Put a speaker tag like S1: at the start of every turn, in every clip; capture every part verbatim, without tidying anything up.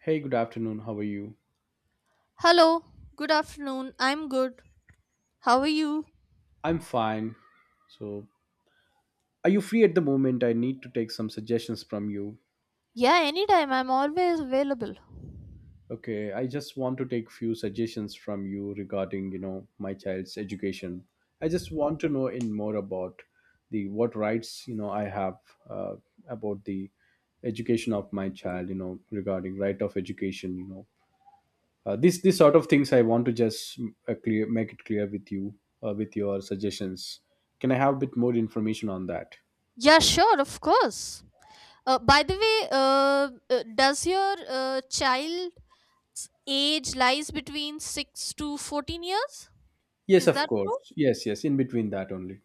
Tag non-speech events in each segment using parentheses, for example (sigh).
S1: Hey, good afternoon. How are you?
S2: Hello, good afternoon. I'm good. How are you?
S1: I'm fine. So, are you free at the moment? I need to take some suggestions from you.
S2: Yeah, anytime. I'm always available.
S1: Okay, I just want to take few suggestions from you regarding, you know, my child's education. I just want to know in more about the what rights, you know, I have uh, about the education of my child, you know, regarding right of education, you know. Uh, this this sort of things I want to just mm, uh, clear make it clear with you uh, with your suggestions. Can I have a bit more information on that?
S2: Yeah, sure, of course. Uh, by the way, uh, uh, does your uh, child's age lies between six to fourteen years?
S1: Yes,
S2: Is
S1: of
S2: that true?
S1: course. Yes, yes, in between that only.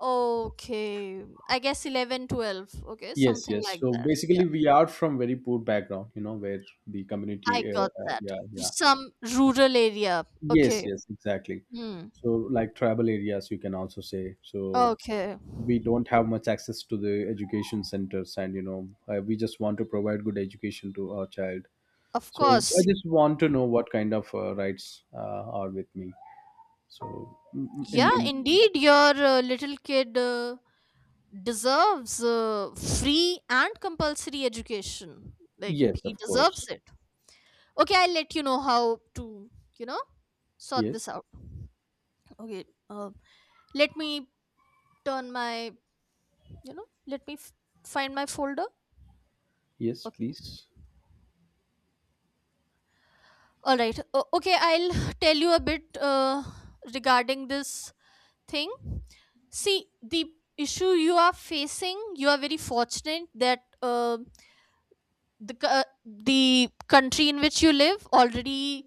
S2: Okay, I guess eleven, twelve. Okay,
S1: Yes,
S2: something
S1: yes.
S2: like
S1: So
S2: that. Yeah,
S1: basically, we are from very poor background, you know, where the
S2: I
S1: community, uh,
S2: got
S1: uh,
S2: that.
S1: yeah, yeah.
S2: Some rural area.
S1: Yes,
S2: Okay.
S1: yes, exactly.
S2: Hmm.
S1: So like tribal areas, you can also say. So
S2: Okay.
S1: we don't have much access to the education centers, and you know, uh, we just want to provide good education to our child.
S2: Of
S1: So I
S2: course.
S1: just want to know what kind of uh, rights uh, are with me. So, in,
S2: Yeah,
S1: in
S2: indeed, your uh, little kid uh, deserves uh, free and compulsory education. Like,
S1: yes,
S2: he
S1: of course.
S2: deserves it. Okay, I'll let you know how to, you know, sort
S1: Yes,
S2: this out. Okay, uh, let me turn my, you know, let me f- find my folder.
S1: yes,
S2: Okay,
S1: please.
S2: all right. O- okay, I'll (sighs) tell you a bit uh, regarding this thing. See, the issue you are facing, you are very fortunate that Uh, the co- uh, the country in which you live already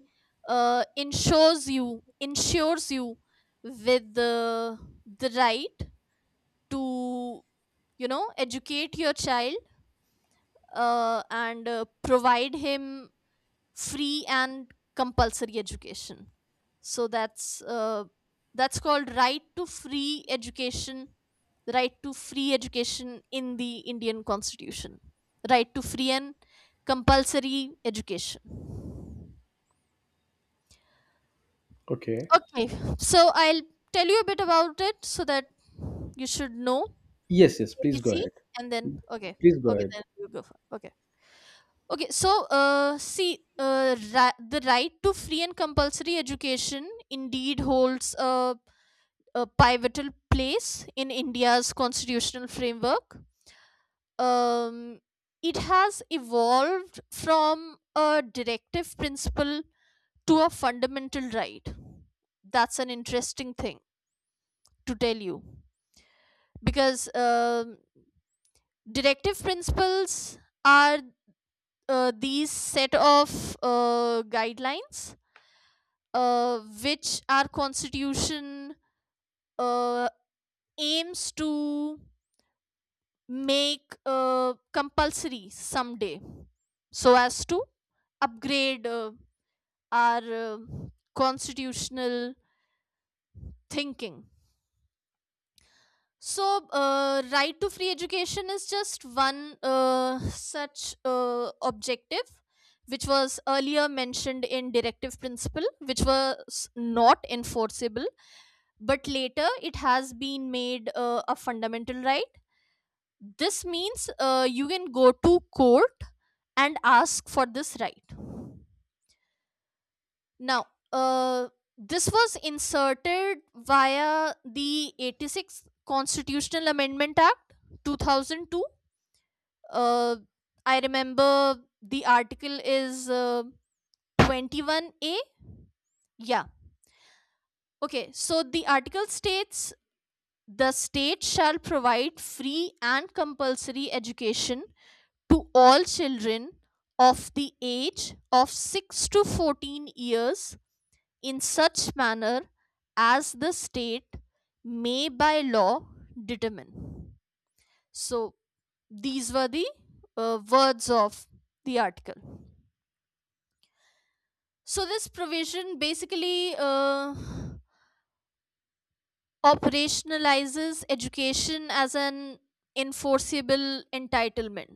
S2: uh, insures you insures you with the the right to you know educate your child, uh, and uh, provide him free and compulsory education. So that's uh, that's called right to free education, right to free education in the Indian constitution, right to free and compulsory education.
S1: Okay.
S2: Okay, so I'll tell you a bit about it so that you should know.
S1: Yes, yes, please go
S2: ABC,
S1: ahead.
S2: and then okay.
S1: Please go
S2: Okay
S1: ahead.
S2: then you go for okay. Okay, so uh, see, uh, ri- the right to free and compulsory education indeed holds a, a pivotal place in India's constitutional framework. Um, it has evolved from a directive principle to a fundamental right. That's an interesting thing to tell you, because um, directive principles are uh, these set of uh, guidelines, uh, which our constitution uh, aims to make uh, compulsory someday, so as to upgrade uh, our uh, constitutional thinking. So uh, right to free education is just one uh, such uh, objective, which was earlier mentioned in directive principle, which was not enforceable, but later it has been made uh, a fundamental right. This means uh, you can go to court and ask for this right now. uh, this was inserted via the eighty-sixth constitutional amendment act, two thousand two. uh, I remember the article is uh, twenty-one A. Yeah. Okay, so the article states, "The state shall provide free and compulsory education to all children of the age of six to fourteen years in such manner as the state may by law determine." So, these were the uh, words of the article. So, this provision basically uh, operationalizes education as an enforceable entitlement,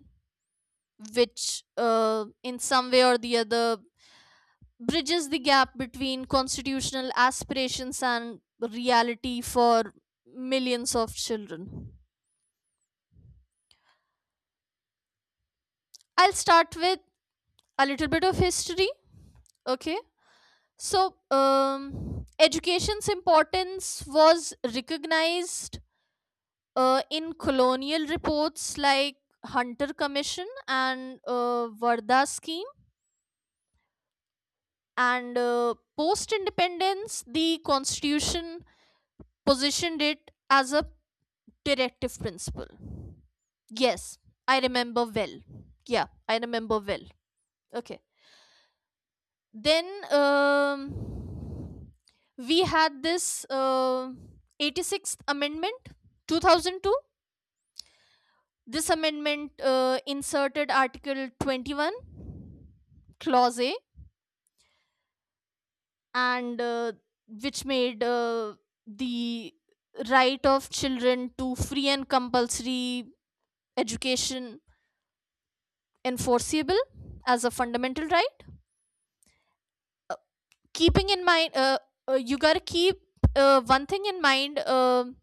S2: which, uh, in some way or the other, bridges the gap between constitutional aspirations and reality for millions of children. I'll start with a little bit of history. Okay. So, um, education's importance was recognized uh, in colonial reports like Hunter Commission and uh, Varda Scheme. And uh, post independence, the constitution positioned it as a directive principle. Yes, I remember well. Yeah, I remember well. Okay. Then, um, we had this uh, eighty-sixth Amendment, two thousand two. This amendment uh, inserted Article twenty-one, Clause A, and, uh, which made uh, the right of children to free and compulsory education enforceable as a fundamental right, keeping in mind, uh, uh, you gotta keep, uh, one thing in mind. um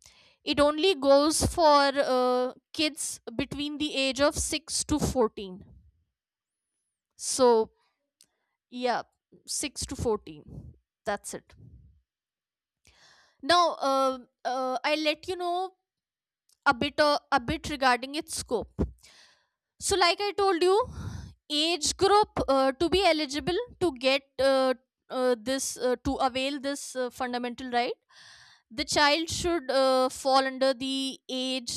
S2: It only goes for uh, kids between the age of six to fourteen. So yeah, six to fourteen. That's it. Now, uh, uh, I'll let you know a bit uh, a bit regarding its scope. So, like I told you, age group, uh, to be eligible to get, uh, uh, this uh, to avail this uh, fundamental right, the child should uh, fall under the age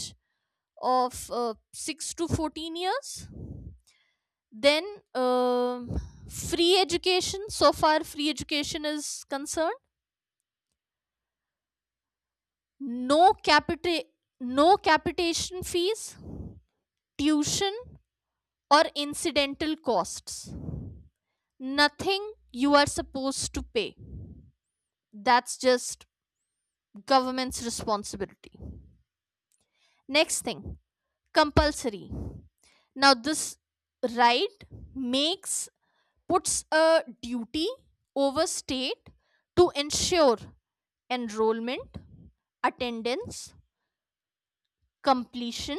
S2: of uh, six to fourteen years. Then, um free education. So far, free education is concerned. No capita, no capitation fees, tuition, or incidental costs. Nothing you are supposed to pay. That's just government's responsibility. Next thing, compulsory. Now this right makes puts a duty over state to ensure enrollment, attendance, completion,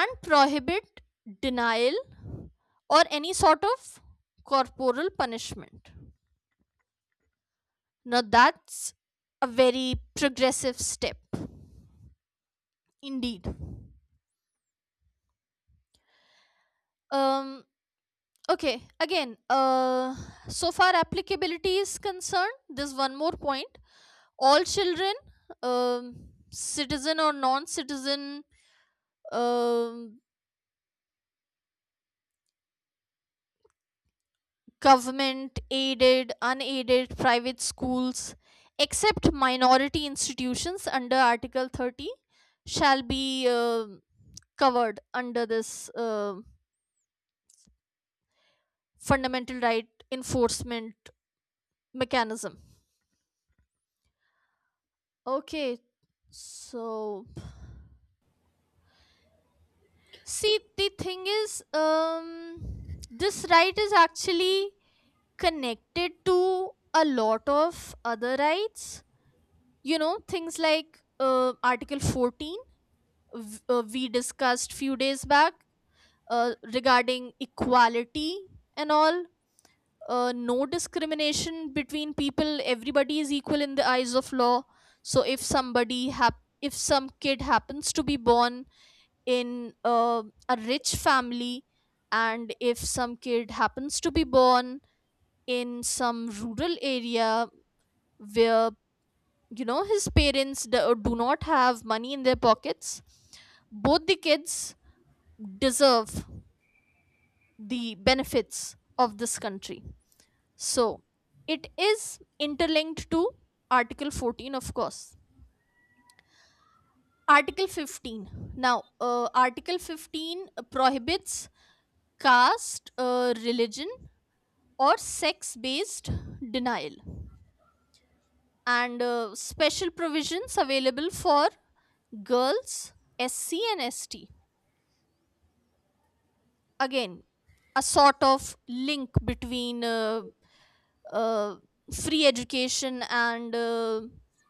S2: and prohibit denial or any sort of corporal punishment. Now that's a very progressive step, indeed. Um, okay, again, uh, so far applicability is concerned, there's one more point. All children, um, citizen or non citizen, um, government aided, unaided, private schools, except minority institutions under Article thirty, shall be um covered under this. Um fundamental right enforcement mechanism. Okay, so see, the thing is, um this right is actually connected to a lot of other rights. You know, things like uh, article fourteen, v- uh, we discussed few days back uh, regarding equality and all. Uh, no discrimination between people, everybody is equal in the eyes of law. So if somebody hap- if some kid happens to be born in uh, a rich family, and if some kid happens to be born in some rural area where, you know, his parents do, do not have money in their pockets, both the kids deserve the benefits of this country. So it is interlinked to Article fourteen, of course. Article fifteen. Now, uh, Article fifteen prohibits caste, uh, religion, or sex based denial, and uh, special provisions available for girls, S C, and S T. Again, a sort of link between uh, uh, free education and, uh,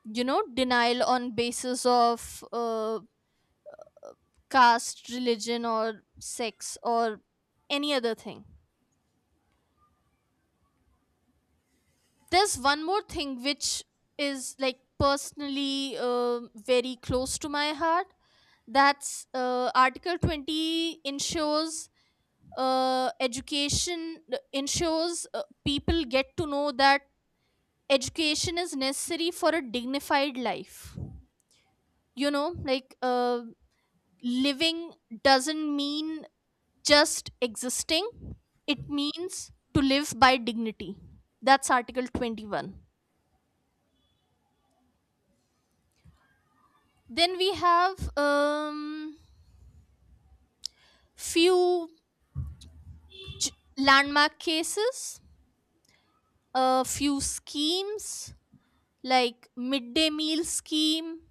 S2: you know, denial on basis of uh, caste, religion, or sex, or any other thing. There's one more thing which is, like, personally uh, very close to my heart. That's uh, article twenty. Ensures uh, education, ensures uh, people get to know that education is necessary for a dignified life. You know, like, uh, living doesn't mean just existing, it means to live by dignity. That's article twenty-one. Then we have, um few ch- landmark cases, a few schemes like midday meal scheme.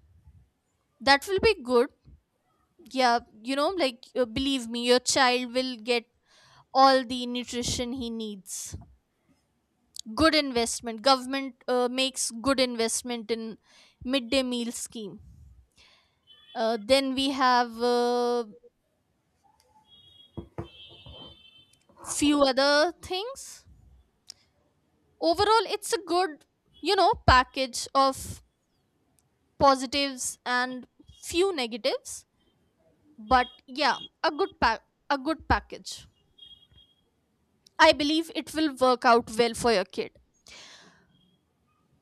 S2: That will be good. Yeah, you know, like, uh, believe me, your child will get all the nutrition he needs. Good investment. Government uh, makes good investment in midday meal scheme. Uh, then we have uh, few other things. Overall, it's a good, you know, package of positives and few negatives, but yeah, a good pack a good package. I believe it will work out well for your kid.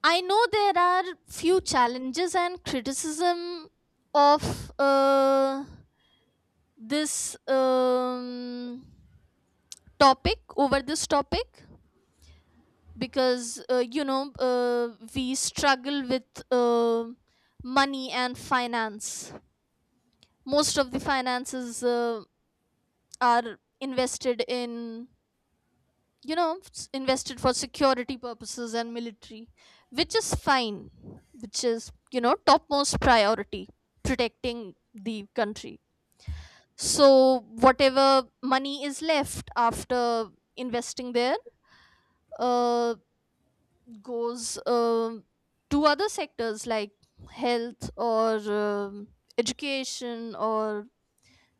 S2: I know there are few challenges and criticism of uh this, um, topic, over this topic. Because uh, you know, uh, we struggle with uh, money and finance. Most of the finances uh, are invested in, you know, s- invested for security purposes and military, which is fine, which is, you know, topmost priority, protecting the country. So whatever money is left after investing there uh, goes, um to other sectors like health, or um, education, or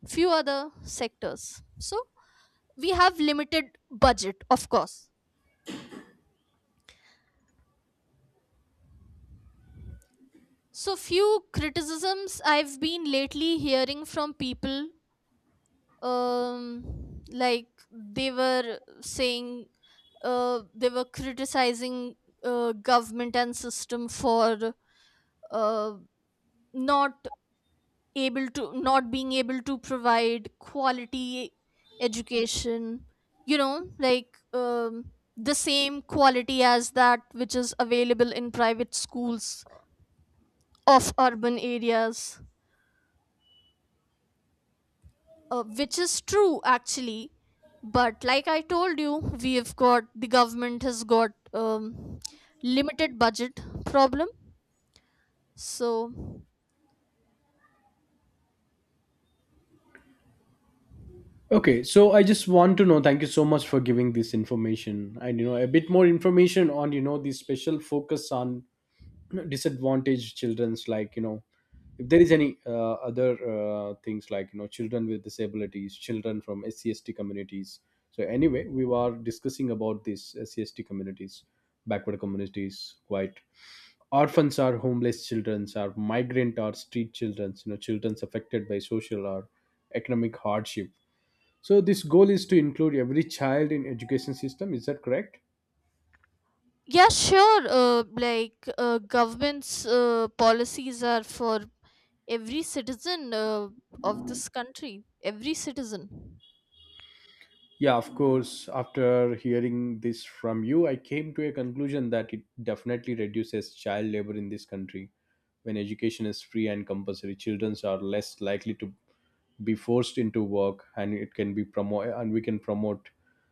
S2: few other sectors. So we have limited budget, of course. So, few criticisms I've been lately hearing from people, um like they were saying, uh, they were criticizing uh, government and system for uh, not able to not being able to provide quality education. You know, like, um, the same quality as that which is available in private schools of urban areas. Uh, which is true, actually. But like I told you, we have got the government has got, um, limited budget problem. So,
S1: Okay, so I just want to know, thank you so much for giving this information and you know a bit more information on you know the special focus on disadvantaged children's like you know if there is any uh, other uh, things like you know children with disabilities, children from S C S T communities. So anyway, we were discussing about these S C S T communities, backward communities quite orphans or homeless children or migrant or street children, you know, children affected by social or economic hardship, so this goal is to include every child in education system, is that correct?
S2: yeah, sure. Uh, like, uh, government's uh, policies are for every citizen uh, of this country, every citizen.
S1: Yeah, of course, after hearing this from you I came to a conclusion that it definitely reduces child labor in this country. When education is free and compulsory, children are less likely to be forced into work, and it can be promote, and we can promote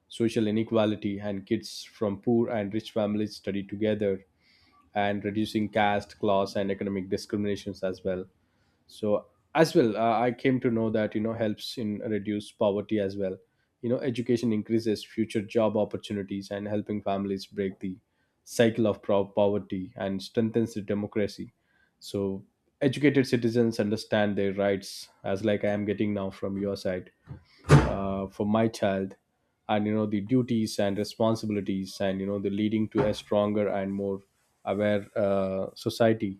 S1: social inequality, and kids from poor and rich families study together, and reducing caste class and economic discriminations as well. So as well, uh, I came to know that you know helps in reduce poverty as well. You know, education increases future job opportunities and helping families break the cycle of pro- poverty and strengthens the democracy. So educated citizens understand their rights as like I am getting now from your side, uh, for my child, and you know the duties and responsibilities, and you know the leading to a stronger and more aware uh, society,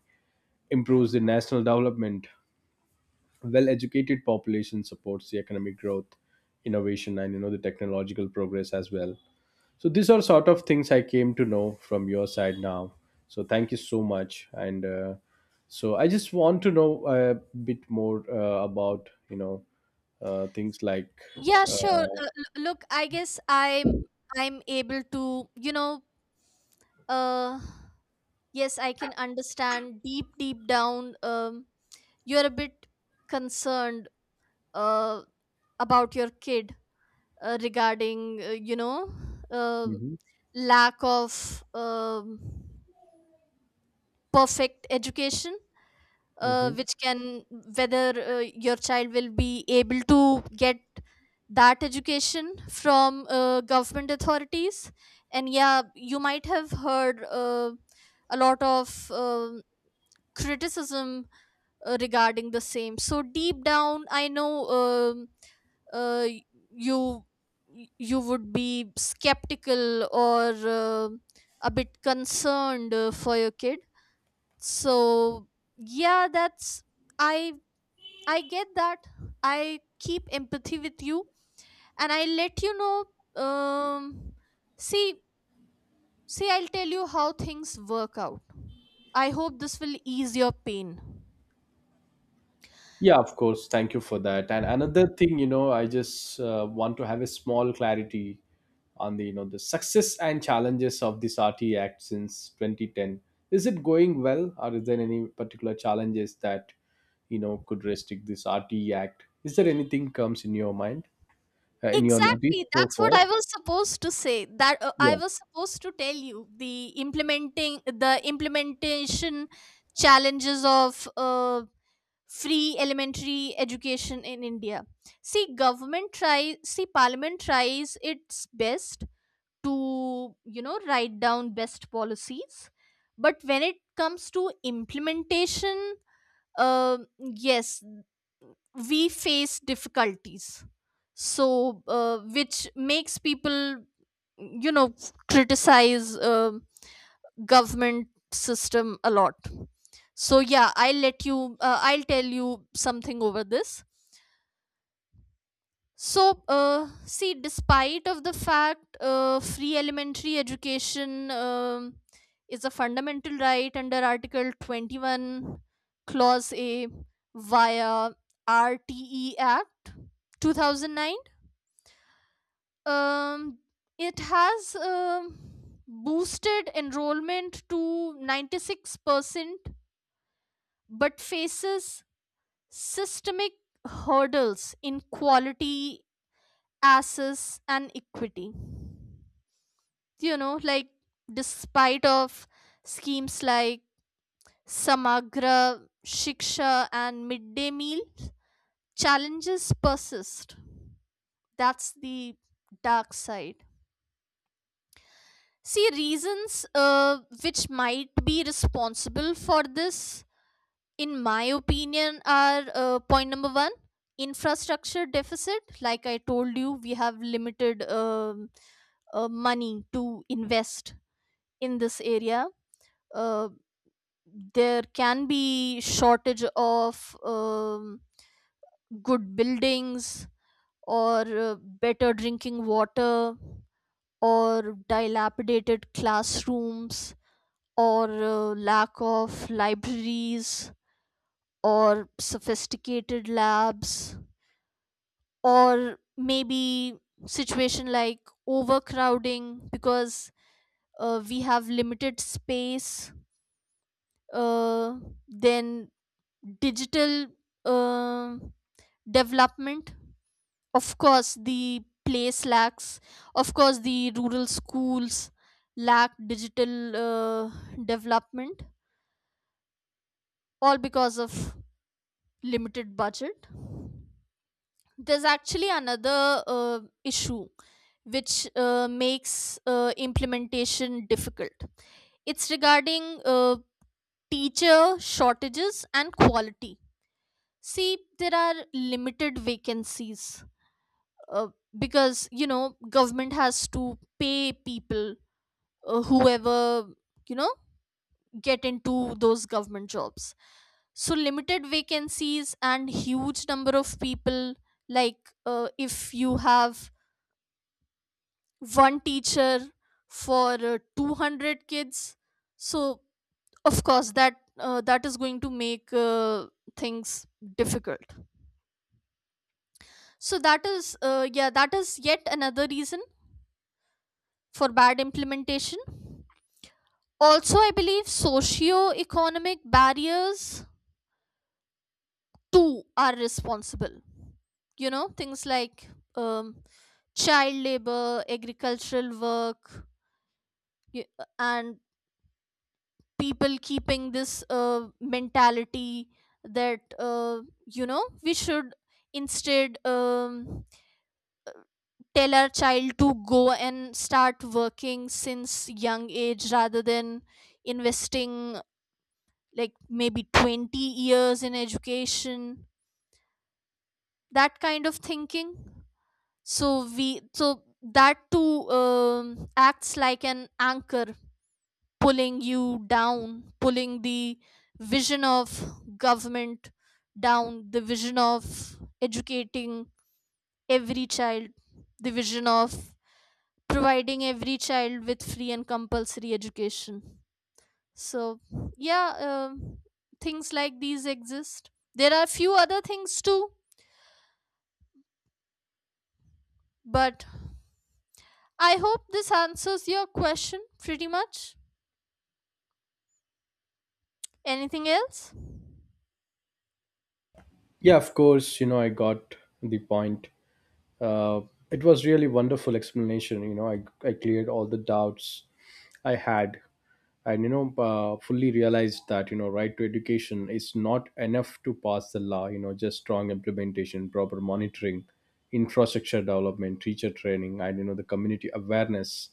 S1: improves the national development. Well educated population supports the economic growth, innovation, and you know the technological progress as well. So these are sort of things I came to know from your side now. So thank you so much, and uh, so I just want to know a bit more uh, about you know uh, things like
S2: Yeah, sure. Uh, l- look, I guess I'm I'm able to, you know, uh yes, I can understand. Deep deep down, um you're a bit concerned uh about your kid, uh, regarding, uh, you know, uh
S1: Mhm.
S2: lack of, um perfect education, uh,
S1: Mhm.
S2: which can whether uh, your child will be able to get that education from uh, government authorities. And yeah, you might have heard uh, a lot of um criticism uh, regarding the same. So deep down I know, um, uh, y- you you would be skeptical or uh, a bit concerned uh, for your kid. So yeah, that's, i i get that. I keep empathy with you, and I let you know, um see see, I'll tell you how things work out. I hope this will ease your pain.
S1: Yeah, of course. Thank you for that. And another thing, you know, I just uh, want to have a small clarity on the, you know, the success and challenges of this R T Act since twenty ten. Is it going well, or is there any particular challenges that you know could restrict this R T Act? Is there anything comes in your mind, uh, in your notice
S2: Exactly.
S1: so
S2: That's what
S1: far?
S2: I was supposed to say. That uh, I
S1: Yeah,
S2: was supposed to tell you the implementing the implementation challenges of uh, free elementary education in India. See, government tries. See, Parliament tries its best to you know write down best policies, but when it comes to implementation um yes we face difficulties, so uh, which makes people you know criticize um government system a lot. So yeah I'll let you uh, I'll tell you something over this. So uh, see, despite of the fact, uh, free elementary education, um, is a fundamental right under article twenty one clause a via rte act two thousand nine, um, it has um, boosted enrollment to ninety six percent, but faces systemic hurdles in quality, access, and equity. You know, like despite of schemes like Samagra Shiksha and midday meal, challenges persist. That's the dark side. See, reasons uh, which might be responsible for this, in my opinion, are uh, point number one, infrastructure deficit. Like I told you, we have limited, um, uh, money to invest in this area. uh, there can be shortage of um, good buildings, or uh, better drinking water, or dilapidated classrooms, or uh, lack of libraries or sophisticated labs, or maybe situation like overcrowding because uh, we have limited space. uh, then digital uh, development. Of course, the place lacks, of course, the rural schools lack digital uh, development, all because of limited budget. There's actually another uh, issue which uh, makes uh, implementation difficult. It's regarding uh, teacher shortages and quality. See, there are limited vacancies, uh, because you know government has to pay people uh, whoever you know get into those government jobs. So limited vacancies and huge number of people. Like uh, if you have one teacher for uh, two hundred kids, so of course that uh, that is going to make uh, things difficult. So that is uh, yeah that is yet another reason for bad implementation. Also, I believe socio-economic barriers too are responsible. You know, things like, um, child labor, agricultural work, y- and people keeping this uh, mentality that, uh, you know, we should instead, um, tell our child to go and start working since young age rather than investing like maybe twenty years in education. That kind of thinking. So we so that too um, acts like an anchor pulling you down, pulling the vision of government down, the vision of educating every child, the vision of providing every child with free and compulsory education. So yeah, um, things like these exist. There are few other things too, but I hope this answers your question pretty much. Anything else?
S1: yeah. Of course, you know, I got the point. Uh, it was really wonderful explanation. You know, I, I cleared all the doubts I had, and you know uh, fully realized that you know right to education is not enough to pass the law, you know, just strong implementation, proper monitoring, infrastructure development, teacher training, and you know the community awareness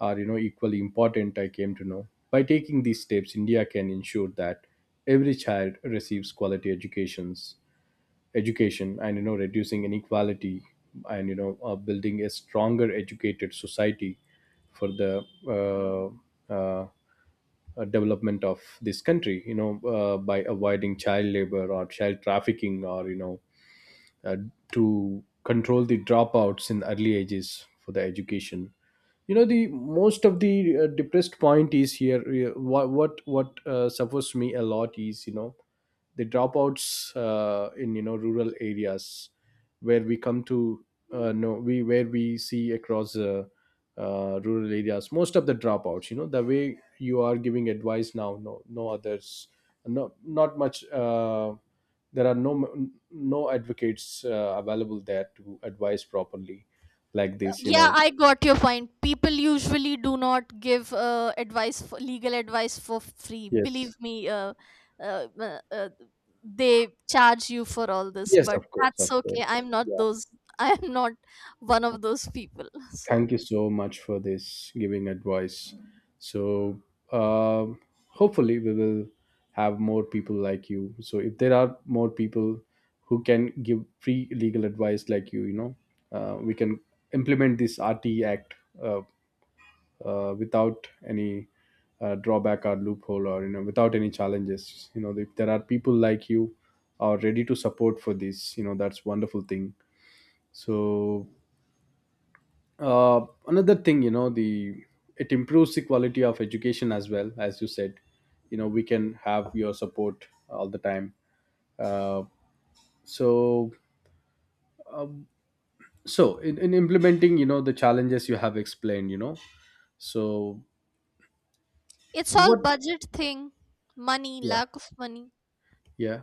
S1: are, you know, equally important. I came to know by taking these steps India can ensure that every child receives quality educations education, and you know reducing inequality, and you know uh, building a stronger educated society for the uh, uh, uh, development of this country, you know, uh, by avoiding child labor or child trafficking, or you know uh, to control the dropouts in early ages for the education. You know the most of the uh, depressed point is here. Uh, what what what uh, suffers me a lot is you know the dropouts uh, in you know rural areas where we come to uh, no, we where we see across uh, uh, rural areas most of the dropouts, you know the way you are giving advice now, no no others, no not much uh, there are no no advocates uh, available there to advise properly like this, you
S2: Yeah,
S1: know.
S2: I got your point. People usually do not give uh, advice for legal advice for free,
S1: Yes,
S2: believe me. uh, uh, uh, uh, they charge you for all this,
S1: yes,
S2: but
S1: of course,
S2: that's
S1: of
S2: okay.
S1: course,
S2: I'm not
S1: yeah.
S2: those (laughs) I am not one of those people. (laughs) So
S1: Thank you so much for this giving advice. So um, hopefully we will have more people like you. So if there are more people who can give free legal advice like you you know, uh, we can implement this RT act uh, uh, without any uh, drawback or loophole, or you know without any challenges, you know if there are people like you are ready to support for this, you know, that's wonderful thing. So uh, another thing, you know, the it improves the quality of education as well, as you said. You know, we can have your support all the time. Uh, so so in, in implementing, you know, the challenges you have explained, you know, so
S2: it's all
S1: what.
S2: budget thing, money,
S1: Yeah,
S2: lack of money.
S1: yeah.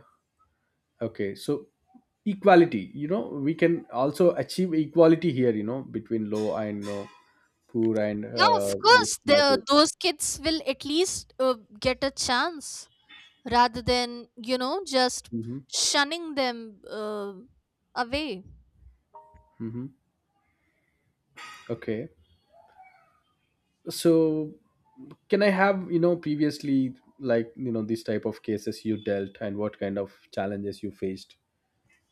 S1: Okay, so equality, you know, we can also achieve equality here, you know, between low and uh, poor and
S2: Yeah, of
S1: uh, rich
S2: course, the,
S1: classes.
S2: those kids will at least uh, get a chance rather than, you know, just
S1: Hmm.
S2: shunning them uh, away.
S1: Hmm. Okay, so can I have, you know, previously, like, you know, these type of cases you dealt and what kind of challenges you faced,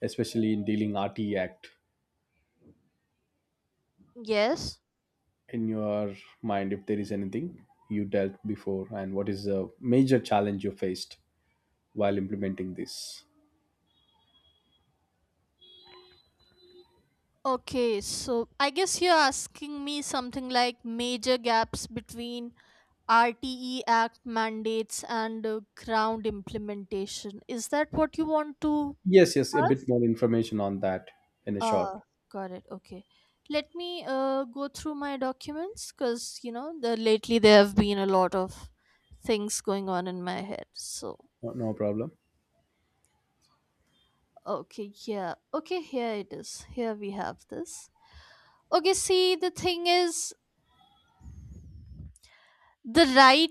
S1: especially in dealing R T Act
S2: Yes.
S1: in your mind, if there is anything you dealt before and what is the major challenge you faced while implementing this?
S2: Okay, so I guess you're asking me something like major gaps between R T E Act mandates and uh, ground implementation. Is that what you want to
S1: Yes, yes, a
S2: ask?
S1: bit more information on that in a short.
S2: Ah, got it. Okay. Let me uh, go through my documents because, you know, the, lately there have been a lot of things going on in my head. So,
S1: No, no problem.
S2: okay, yeah. Okay, here it is. Here we have this. Okay, see, the thing is the right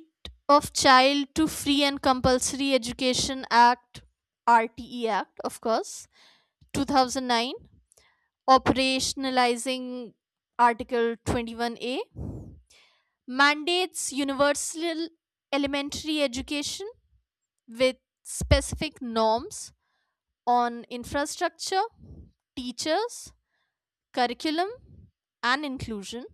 S2: of child to free and compulsory education act, R T E Act, of course, two thousand nine, operationalizing Article twenty one A, mandates universal elementary education with specific norms on infrastructure, teachers, curriculum, and inclusion.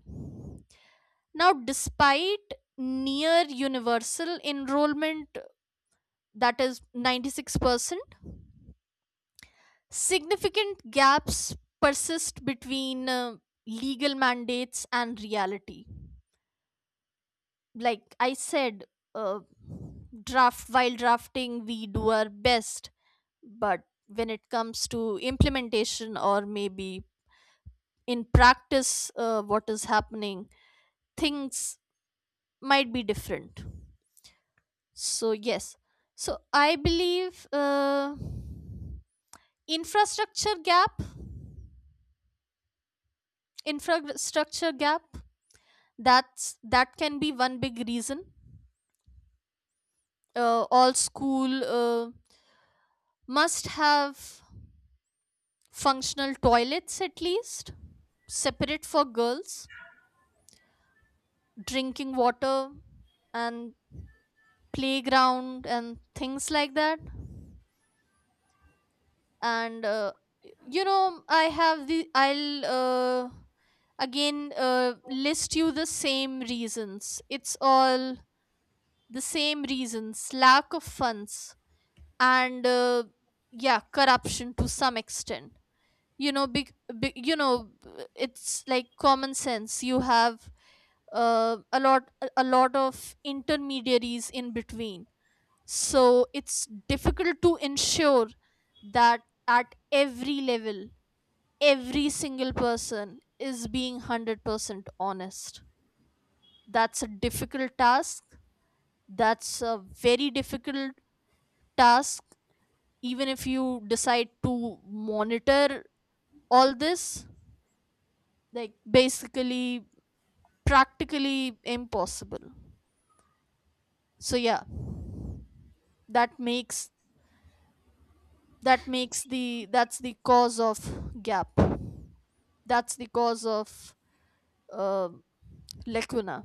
S2: Now, despite near universal enrollment, that is ninety six percent, significant gaps persist between uh, legal mandates and reality. Like I said, uh, draft while drafting, we do our best, but when it comes to implementation, or maybe in practice, uh, what is happening, things might be different. So yes, so I believe uh, infrastructure gap infrastructure gap, that's, that can be one big reason. Uh, all school uh, must have functional toilets, at least, separate for girls, drinking water, and playground, and things like that. And uh, you know, I have the, I'll uh, again uh, list you the same reasons. It's all the same reasons: lack of funds, and uh, yeah, corruption to some extent. You know, big, big, you know, it's like common sense. You have uh, a lot a a lot of intermediaries in between. So it's difficult to ensure that at every level every single person is being one hundred percent honest. That's a difficult task. That's a very difficult task. Even if you decide to monitor all this, like basically practically impossible. So yeah, that makes that makes the that's the cause of gap. That's the cause of uh, lacuna,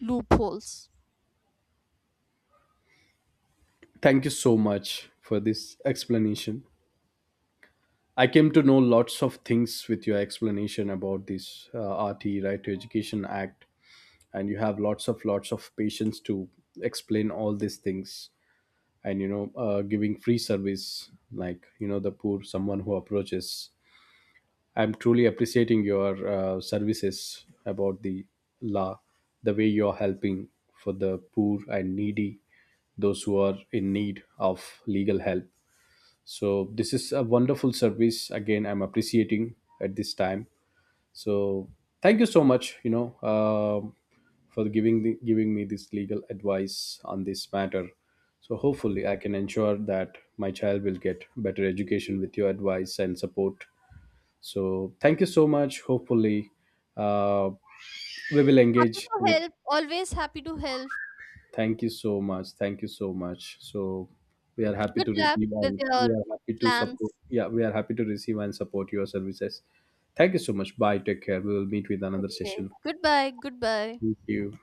S2: loopholes.
S1: Thank you so much for this explanation. I came to know lots of things with your explanation about this uh, R T Right to Education Act, and you have lots of lots of patience to explain all these things. And you know, uh, giving free service like you know the poor someone who approaches, I'm truly appreciating your uh, services about the law, the way you're helping for the poor and needy, those who are in need of legal help. So, this is a wonderful service. Again, I'm appreciating at this time. So, thank you so much, you know, um, for giving, the, giving me this legal advice on this matter. So, hopefully, I can ensure that my child will get better education with your advice and support. So thank you so much. Hopefully, uh, we will
S2: Happy
S1: engage
S2: to
S1: with.
S2: help. Always happy to help.
S1: Thank you so much. Thank you so much. So we are happy
S2: Good
S1: to
S2: luck
S1: receive
S2: with
S1: and we
S2: your
S1: are happy to support.
S2: plans.
S1: Yeah, we are happy to receive and support your services. Thank you so much. Bye. Take care. We will meet with another
S2: Okay.
S1: session.
S2: Goodbye.
S1: Thank
S2: Goodbye.
S1: you.